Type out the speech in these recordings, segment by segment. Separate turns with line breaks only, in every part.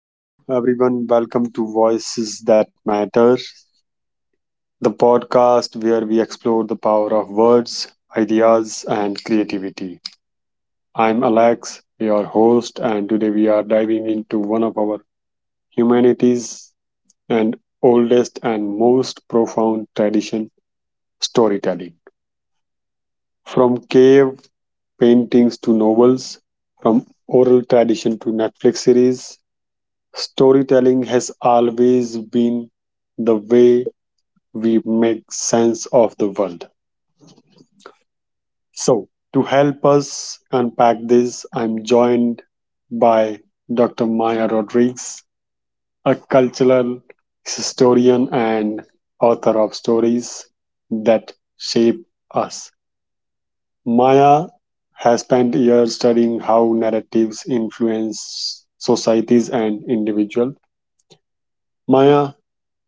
Hello, everyone. Welcome to Voices That Matter, the podcast where we explore the power of words, ideas, and creativity. I'm Alex, your host, and today we are diving into one of our humanity's and oldest and most profound tradition storytelling. From cave paintings to novels, from oral tradition to Netflix series, storytelling has always been the way we make sense of the world. So, to help us unpack this, I'm joined by Dr. Maya Rodriguez, a cultural historian and author of stories that shape us. Maya has spent years studying how narratives influence societies and individuals. Maya,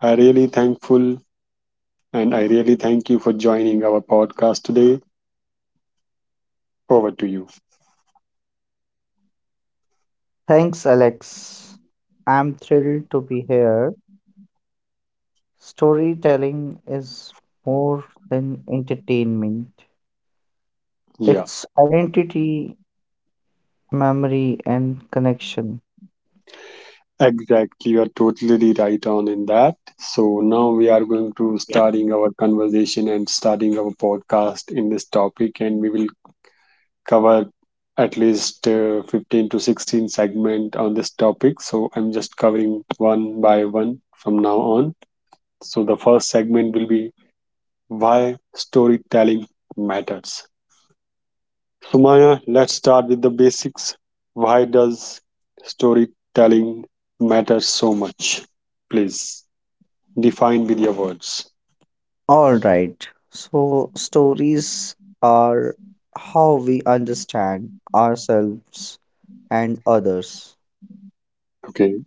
I really thankful and I really thank you for joining our podcast today. Over to you.
Thanks, Alex. I'm thrilled to be here. Storytelling is more than entertainment,
Yeah.
it's identity, memory, and connection.
Exactly, you are totally right on in that. So now we are going to starting our conversation and starting our podcast in this topic, and we will cover at least 15 to 16 segment on this topic. So I'm just covering one by one from now on. So the first segment will be why storytelling matters. So Maya, let's start with the basics. Why does storytelling matter so much? Please define with your words.
All right, so stories are how we understand ourselves and others,
Okay.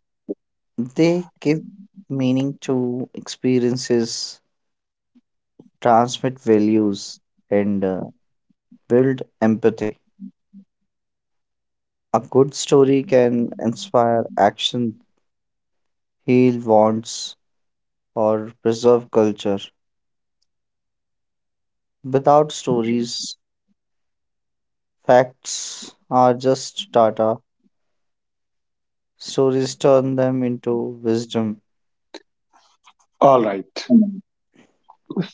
they give meaning to experiences, transmit values, and build empathy. A good story can inspire action, heal wants, or preserve culture. Without stories, facts are just data. Stories turn them into wisdom.
All right,
Mhm.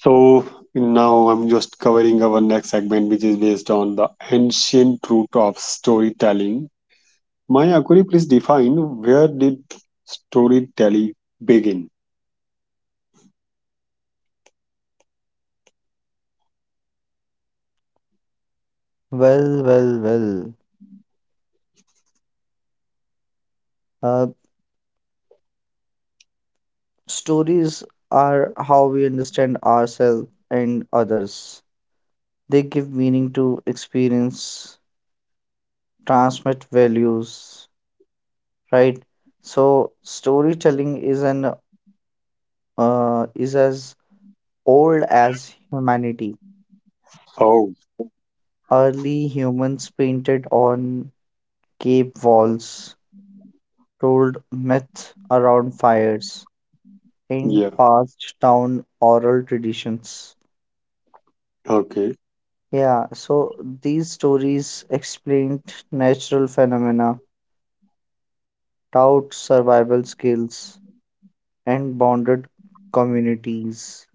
so now I'm just covering our next segment, which is based on the ancient root of storytelling. Maya, could you please define where did storytelling begin?
Well, well, well. Uh, Stories are how we understand ourselves and others. They give meaning to experience, transmit values, right? So storytelling is an uh, is as old as humanity.
Oh,
Early humans painted on cave walls, told myths around fires, and
yeah.
passed down oral traditions.
Okay.
Yeah, so these stories explained natural phenomena, taught survival skills, and bonded communities.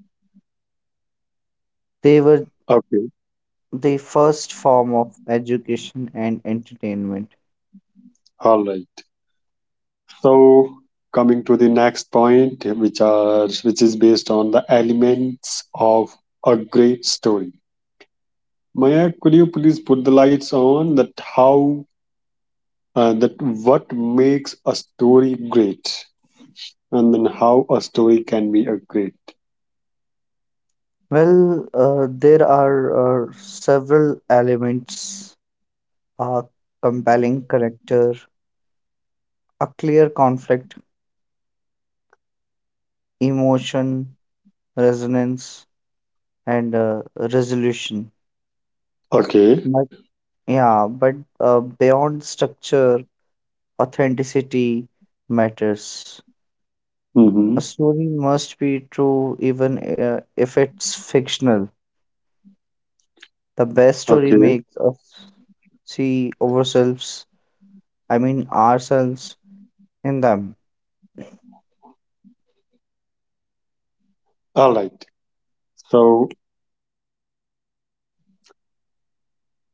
They were
Okay.
the first form of education and entertainment.
All right, so coming to the next point, which is based on the elements of a great story. Maya, could you please put the lights on that how that what makes a story great and then how a story can be a great?
There are several elements: a compelling character, a clear conflict, emotion, resonance, and resolution.
Okay.
But yeah, but beyond structure, authenticity matters.
Mm-hmm.
A story must be true even if it's fictional. The best story
Okay.
makes us see ourselves in them.
All right. so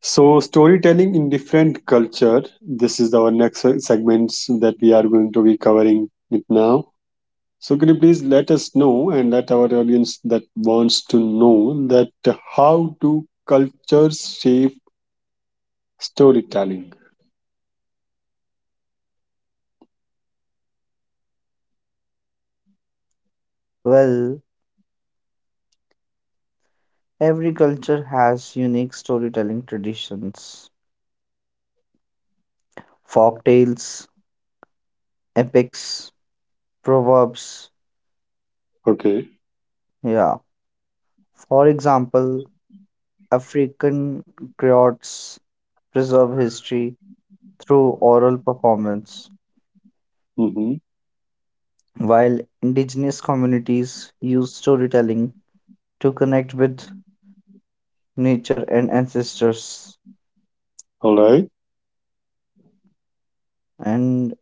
so storytelling in different culture, this is our next segments that we are going to be covering it now. So can you please let us know and let our audience that wants to know that how do cultures shape storytelling?
Well, every culture has unique storytelling traditions, folk tales, epics, proverbs.
Okay.
Yeah. For example, African griots preserve history through oral performance,
Mm-hmm.
while indigenous communities use storytelling to connect with nature and ancestors.
All right.
And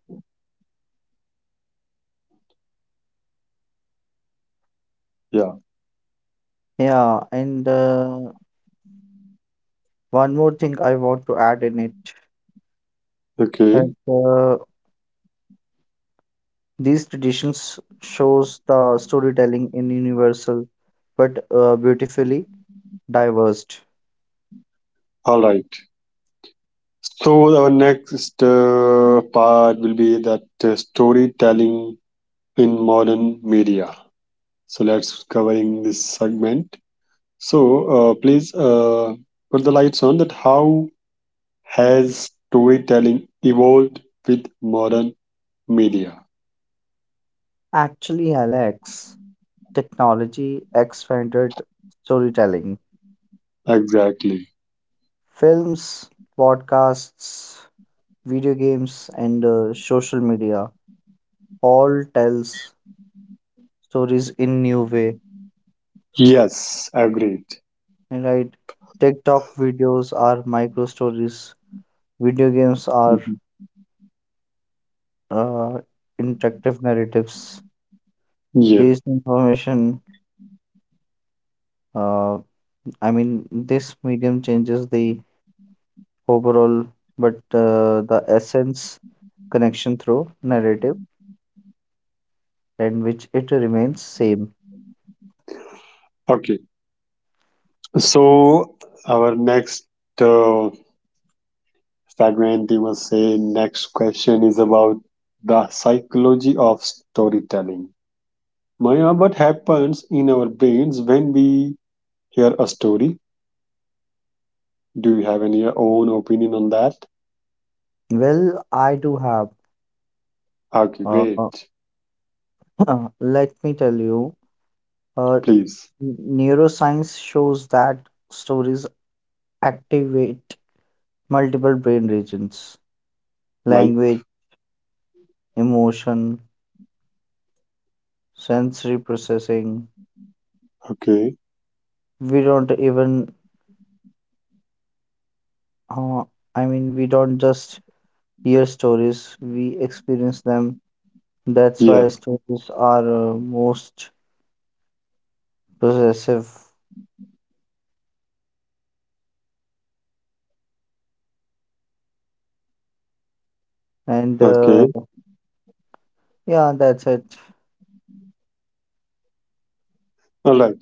Yeah.
yeah, and one more thing I want to add in it
Okay.
that these traditions shows the storytelling in universal but beautifully diverse.
All right. So our next part will be that storytelling in modern media. So let's covering this segment. So please put the lights on that how has storytelling evolved with modern media?
Actually, Alex, technology expanded storytelling.
Exactly.
Films, podcasts, video games, and social media all tells stories in new way.
Yes, agreed.
Right? TikTok videos are micro stories. Video games are
Mhm.
uh, interactive narratives.
Yeah.
This information Uh, I mean, this medium changes the overall, but the essence, connection through narrative, and which it remains same.
Okay. So our next uh, segment, you must say, next question is about the psychology of storytelling. Maya, what happens in our brains when we hear a story? Do you have any own opinion on that?
Well, I do have.
Okay,
Uh,
great.
Let me tell you, uh,
Please
neuroscience shows that stories activate multiple brain regions,
like.
language, emotion, sensory processing.
Okay.
We don't even, uh, I mean, we don't just hear stories, we experience them. That's why
Yeah.
stories are most possessive. And uh,
Okay.
yeah, that's it.
All right.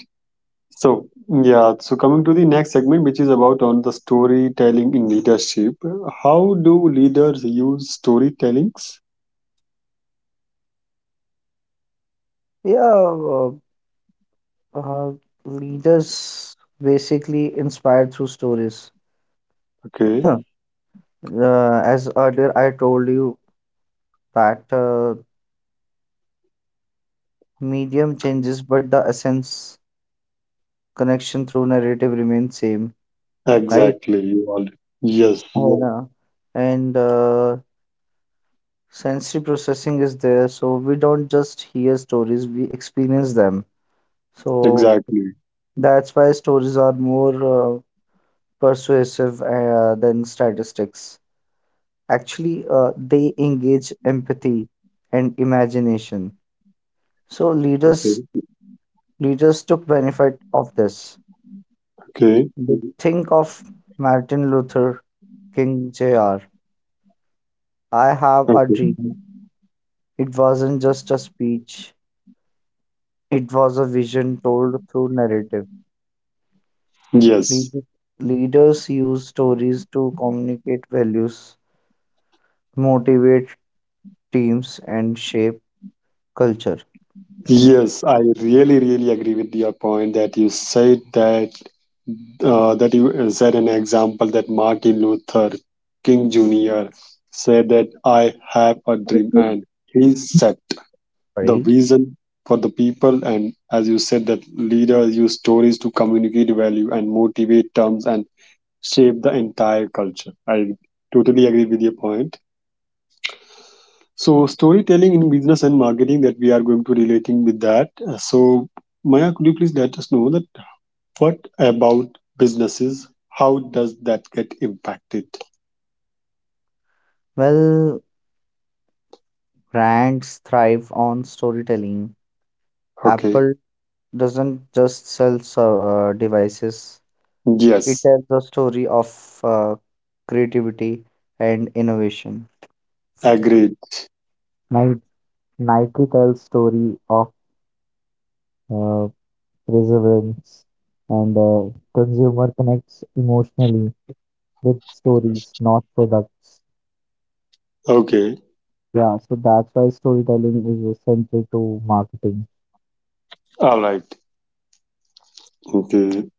So, yeah, so coming to the next segment, which is about on the storytelling in leadership. How do leaders use storytellings?
Yeah, uh, uh, Leaders basically inspired through stories.
Okay,
Huh. As earlier I told you that medium changes, but the essence, connection through narrative, remains same, right?
exactly. You all. Yes,
Yeah. And Sensory processing is there, so we don't just hear stories, we experience them. So
exactly.
that's why stories are more persuasive than statistics. Actually they engage empathy and imagination, so leaders
Okay,
leaders took benefit of this.
okay,
They think of Martin Luther King Jr. I have a
okay.
dream. It wasn't just a speech, it was a vision told through narrative.
Yes,
Lead- Leaders use stories to communicate values, motivate teams, and shape culture.
yes. I really, really agree with your point that you said that that you said an example that Martin Luther King Jr. said that I have a dream and he said the
Sorry.
vision for the people, and as you said that leaders use stories to communicate value and motivate terms and shape the entire culture. I totally agree with your point. So storytelling in business and marketing, that we are going to relating with that. So Maya, could you please let us know that what about businesses, how does that get impacted?
Well, brands thrive on storytelling.
Okay.
Apple doesn't just sell devices, it
Yes.
tells the story of uh, creativity and innovation.
Agreed.
Ni- Nike tells story of uh, perseverance, and consumer connects emotionally with stories, not products.
Okay.
Yeah, so that's why storytelling is essential to marketing.
All right. Okay.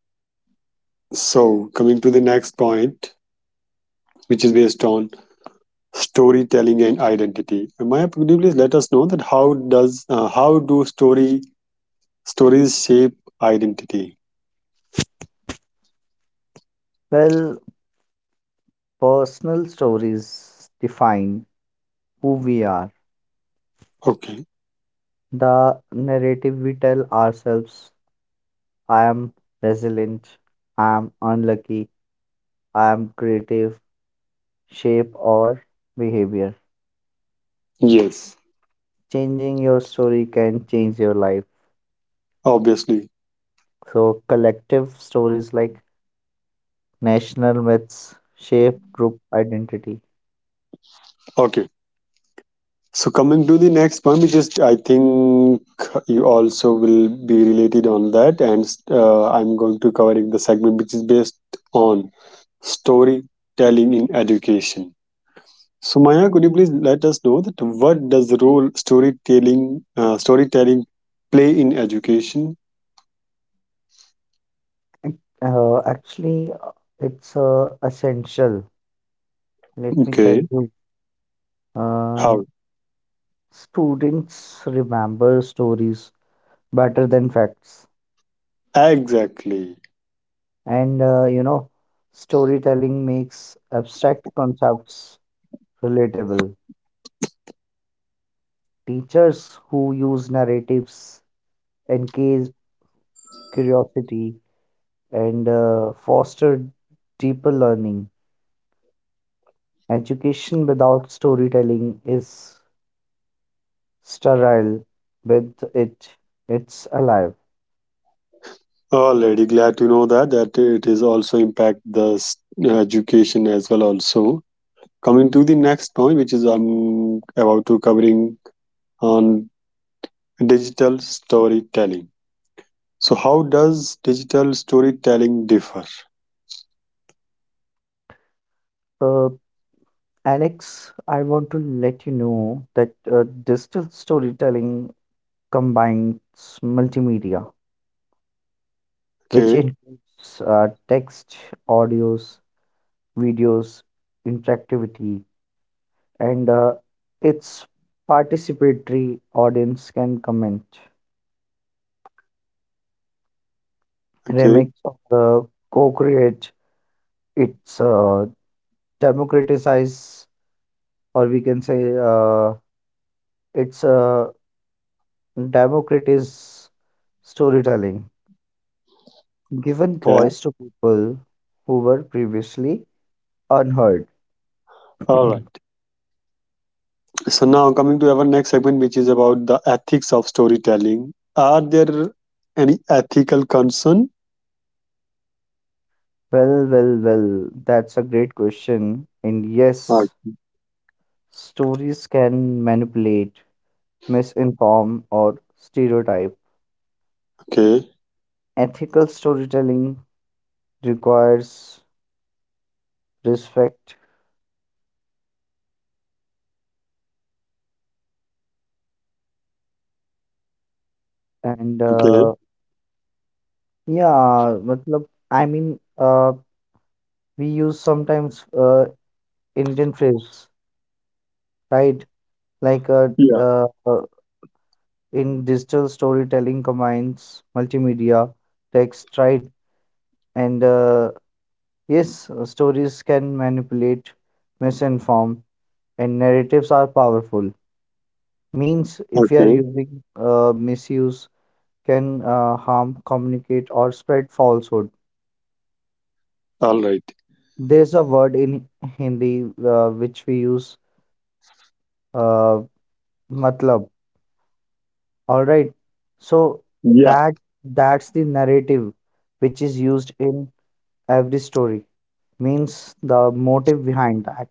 So coming to the next point, which is based on storytelling and identity. And Maya, could you please let us know that how does how do story stories shape identity?
Well, personal stories define who we are.
Okay.
The narrative we tell ourselves: I am resilient, I am unlucky, I am creative, shape our behavior.
Yes.
Changing your story can change your life.
Obviously.
So collective stories like national myths shape group identity.
Okay. So coming to the next one, which is I think you also will be related on that, and I'm going to covering the segment which is based on storytelling in education. So Maya, could you please let us know that what does the role storytelling play in education?
Actually, it's essential. Let me tell
Okay,
you,
how
uh, students remember stories better than facts,
exactly?
and you know, storytelling makes abstract concepts relatable. Teachers who use narratives engage curiosity and foster deeper learning. Education without storytelling is sterile; with it, it's alive.
Already glad to know that that it is also impact the education as well. Also coming to the next point, which is I'm about to covering on digital storytelling. So how does digital storytelling differ?
Uh, Alex, I want to let you know that digital storytelling combines multimedia, which
Okay,
includes text, audios, videos, interactivity, and its participatory. Audience can comment,
okay,
remix, or co-create. It's democratize, or we can say it's a Democrat is storytelling, given
okay.
voice to people who were previously unheard.
All right. So now coming to our next segment, which is about the ethics of storytelling. Are there any ethical concern?
Well, that's a great question. And
Right.
yes, stories can manipulate, misinform, or stereotype.
Okay.
Ethical storytelling requires respect and
Okay.
uh, yeah, matlab, I mean, uh, we use sometimes Indian phrase, right? Like
Yeah.
uh, in digital storytelling combines multimedia, text, right, and yes, stories can manipulate, misinform, and narratives are powerful. Means if we are
Okay.
using misuse, can harm, communicate, or spread falsehood.
All right.
There's a word in Hindi which we use, uh, matlab. All right, so
Yeah.
that that's the narrative which is used in every story, means the motive behind that.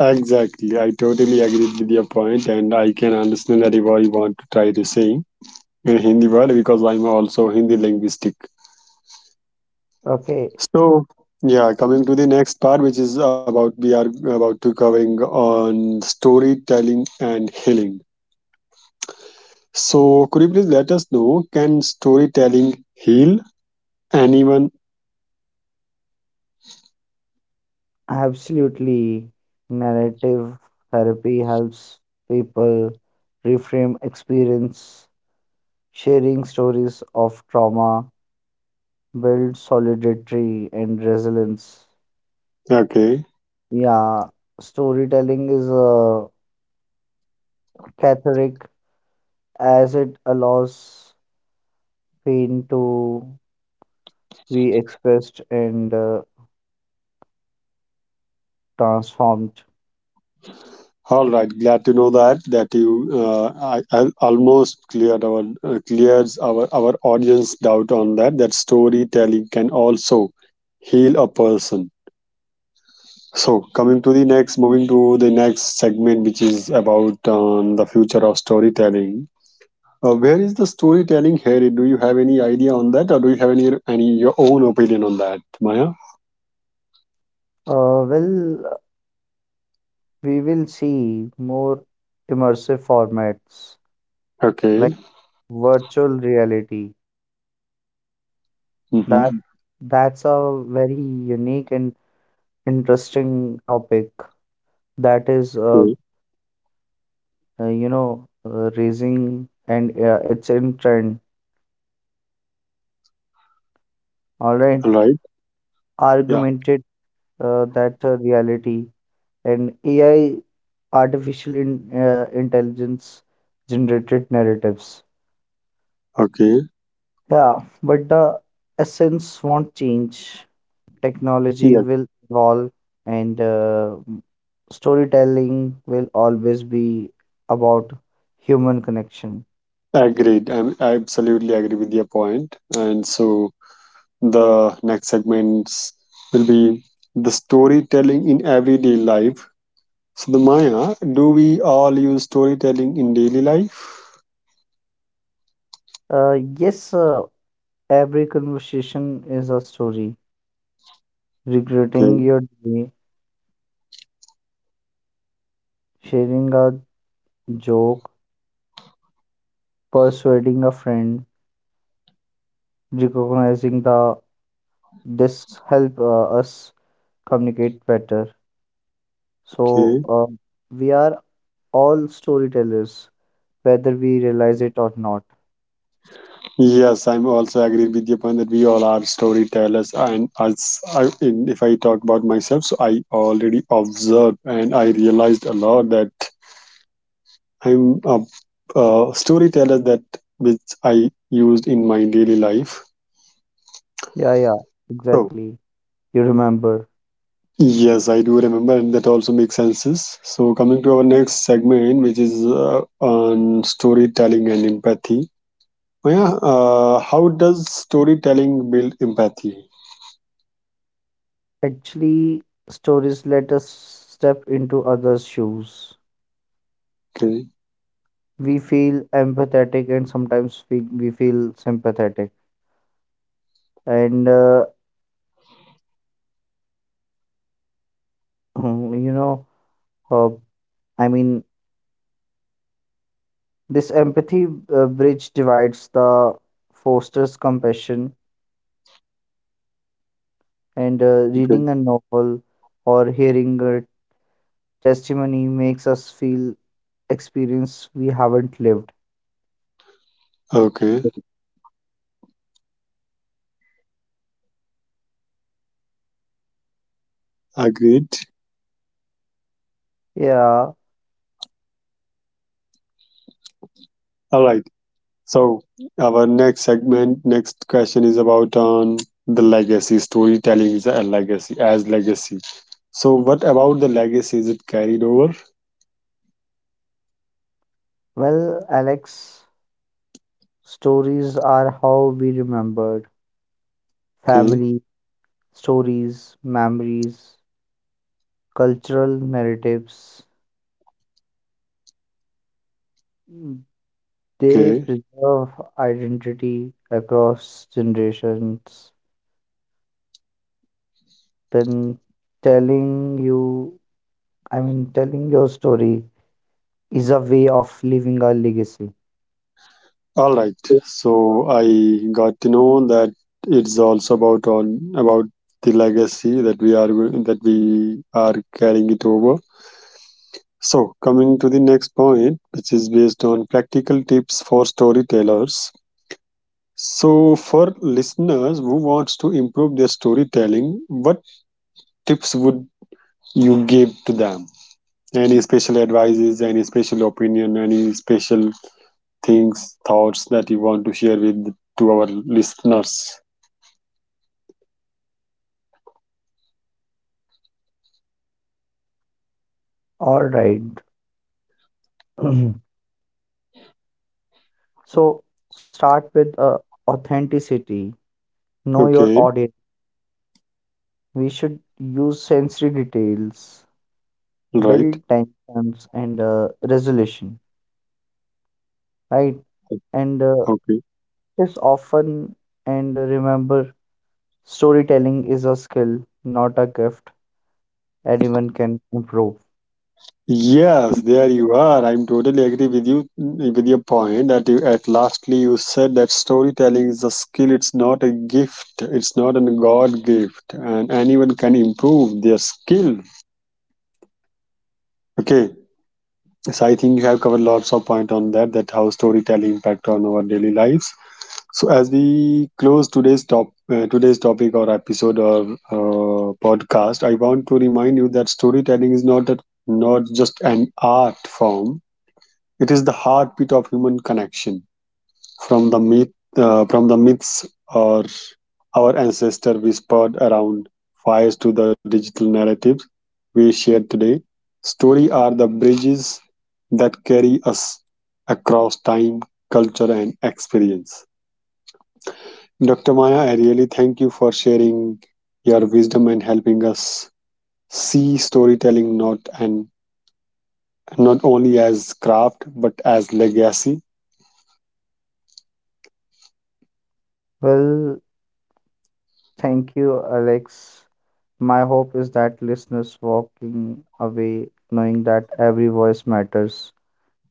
Exactly. I totally agree with your point, and I can understand that what you want to try to sing in Hindi word because I'm also Hindi linguistic.
Okay,
So yeah, coming to the next part, which is about we are about to covering on storytelling and healing. So, could you please let us know can storytelling heal anyone?
absolutely. Narrative therapy helps people reframe experience, sharing stories of trauma, build solidarity and resilience.
Okay,
Yeah, storytelling is a cathartic as it allows pain to be expressed and transformed.
all right. Glad to know that that you I almost cleared our clears our audience doubt on that that storytelling can also heal a person. So, coming to the next, moving to the next segment, which is about the future of storytelling. Where is the storytelling headed? Do you have any idea on that, or do you have any your own opinion on that, Maya?
Well, we will see more immersive formats
Okay.
like virtual reality.
Mm-hmm.
That that's a very unique and interesting topic that is
Okay.
you know, raising and it's in trend. All right,
All right. Yeah.
augmented that reality and AI, artificial intelligence generated narratives.
Okay.
Yeah, but the essence won't change. Technology
Yeah.
will evolve and storytelling will always be about human connection.
Agreed. I absolutely agree with your point. And so the next segments will be the storytelling in everyday life. So the Maya, do we all use storytelling in daily life?
Uh, yes, every conversation is a story. Regretting
Okay.
your day, sharing a joke, persuading a friend, recognizing the this help us communicate better. So
Okay.
we are all storytellers, whether we realize it or not.
Yes, I'm also agree with your point that we all are storytellers, and as if I talk about myself, so I already observed and I realized a lot that I'm a, a storyteller that which I used in my daily life.
Yeah, yeah,
So,
exactly. You remember.
yes, I do remember, and that also makes sense. So, coming to our next segment, which is on storytelling and empathy. Maya, how does storytelling build empathy?
Actually, stories let us step into others' shoes.
Okay,
We feel empathetic and sometimes we feel sympathetic. And you know, uh, I mean, this empathy bridge divides the fosters compassion, and
okay.
reading a novel or hearing a testimony makes us feel experience we haven't lived.
Okay, agreed.
Yeah,
All right. So our next segment, next question is about on the legacy. Storytelling is a legacy as legacy. So what about the legacy? Is it carried over?
well, Alex. Stories are how we remembered
Okay,
family, stories, memories, cultural narratives. Mm, they
okay.
preserve identity across generations. Then telling you, I mean, Telling your story is a way of leaving a legacy.
All right. So I got to know that it's also about on about the legacy that we are that we are carrying it over. So coming to the next point, which is based on practical tips for storytellers. So, for listeners who wants to improve their storytelling, what tips would you give to them? Any special advices, any special opinion, any special things, thoughts that you want to share with to our listeners?
All right. So start with authenticity. Know your
Okay,
audience. We should use sensory details, build
right.
tensions and resolution, right? And
Okay.
It's often, and remember, storytelling is a skill, not a gift anyone can improve.
Yes, there you are. I'm totally agree with you with your point that you, at lastly you said that storytelling is a skill. It's not a gift. It's not a God gift, and anyone can improve their skill. Okay, so I think you have covered lots of point on that, that how storytelling impact on our daily lives. So as we close today's topic or episode or podcast, I want to remind you that storytelling is not just an art form; it is the heartbeat of human connection. From from the myths or our ancestor whispered around fires to the digital narratives we share today. Story are the bridges that carry us across time, culture, and experience. Dr. Maya, I really thank you for sharing your wisdom and helping us see storytelling not and not only as craft but as legacy.
Well, thank you, Alex. My hope is that listeners walking away knowing that every voice matters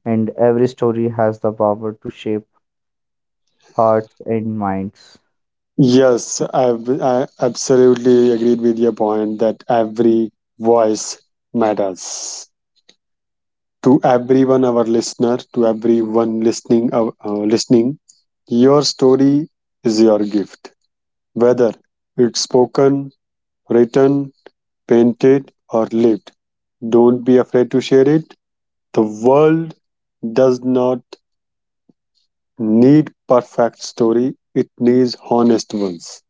and every story has the power to shape hearts and minds.
Yes, I absolutely agreed with your point that every voice matters to everyone, our listener, to everyone listening. Your story is your gift, whether it's spoken, written, painted, or lived. Don't be afraid to share it. The world does not need perfect story; it needs honest ones.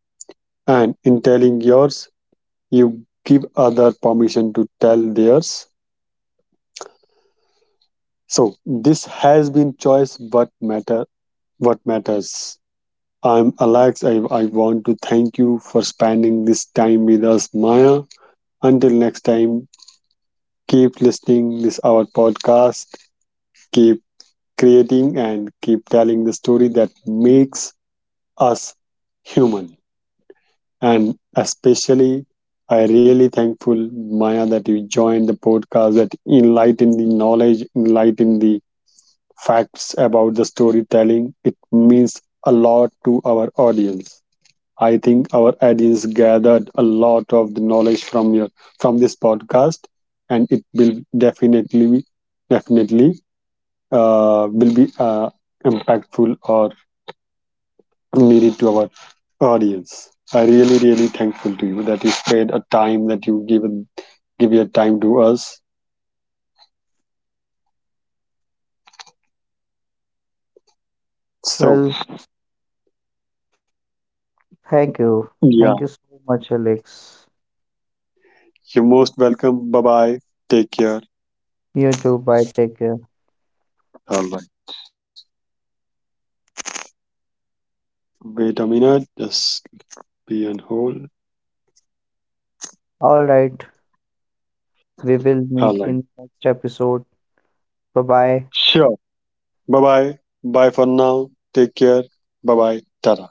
And in telling yours, you give other permission to tell theirs. So this has been choice what matter what matters. I'm Alex. I want to thank you for spending this time with us, Maya. Until next time, keep listening this our podcast, keep creating, and keep telling the story that makes us human. And especially, I really thankful, Maya, that you joined the podcast that enlighten the knowledge, enlighten the facts about the storytelling. It means a lot to our audience. I think our audience gathered a lot of the knowledge from your from this podcast, and it will definitely will be impactful or made it to our audience. I really, really thankful to you that you spared a time that you given give your time to us. So
Well, thank you.
yeah,
Thank you so much, Alex.
you're most welcome. Bye bye. Take care.
You too. Bye. Take care.
All right. Wait a minute. Just be on hold.
All right, we will
All
meet
right.
in next episode. Bye bye.
Sure. Bye bye. Bye for now. Take care. Bye bye. Tada.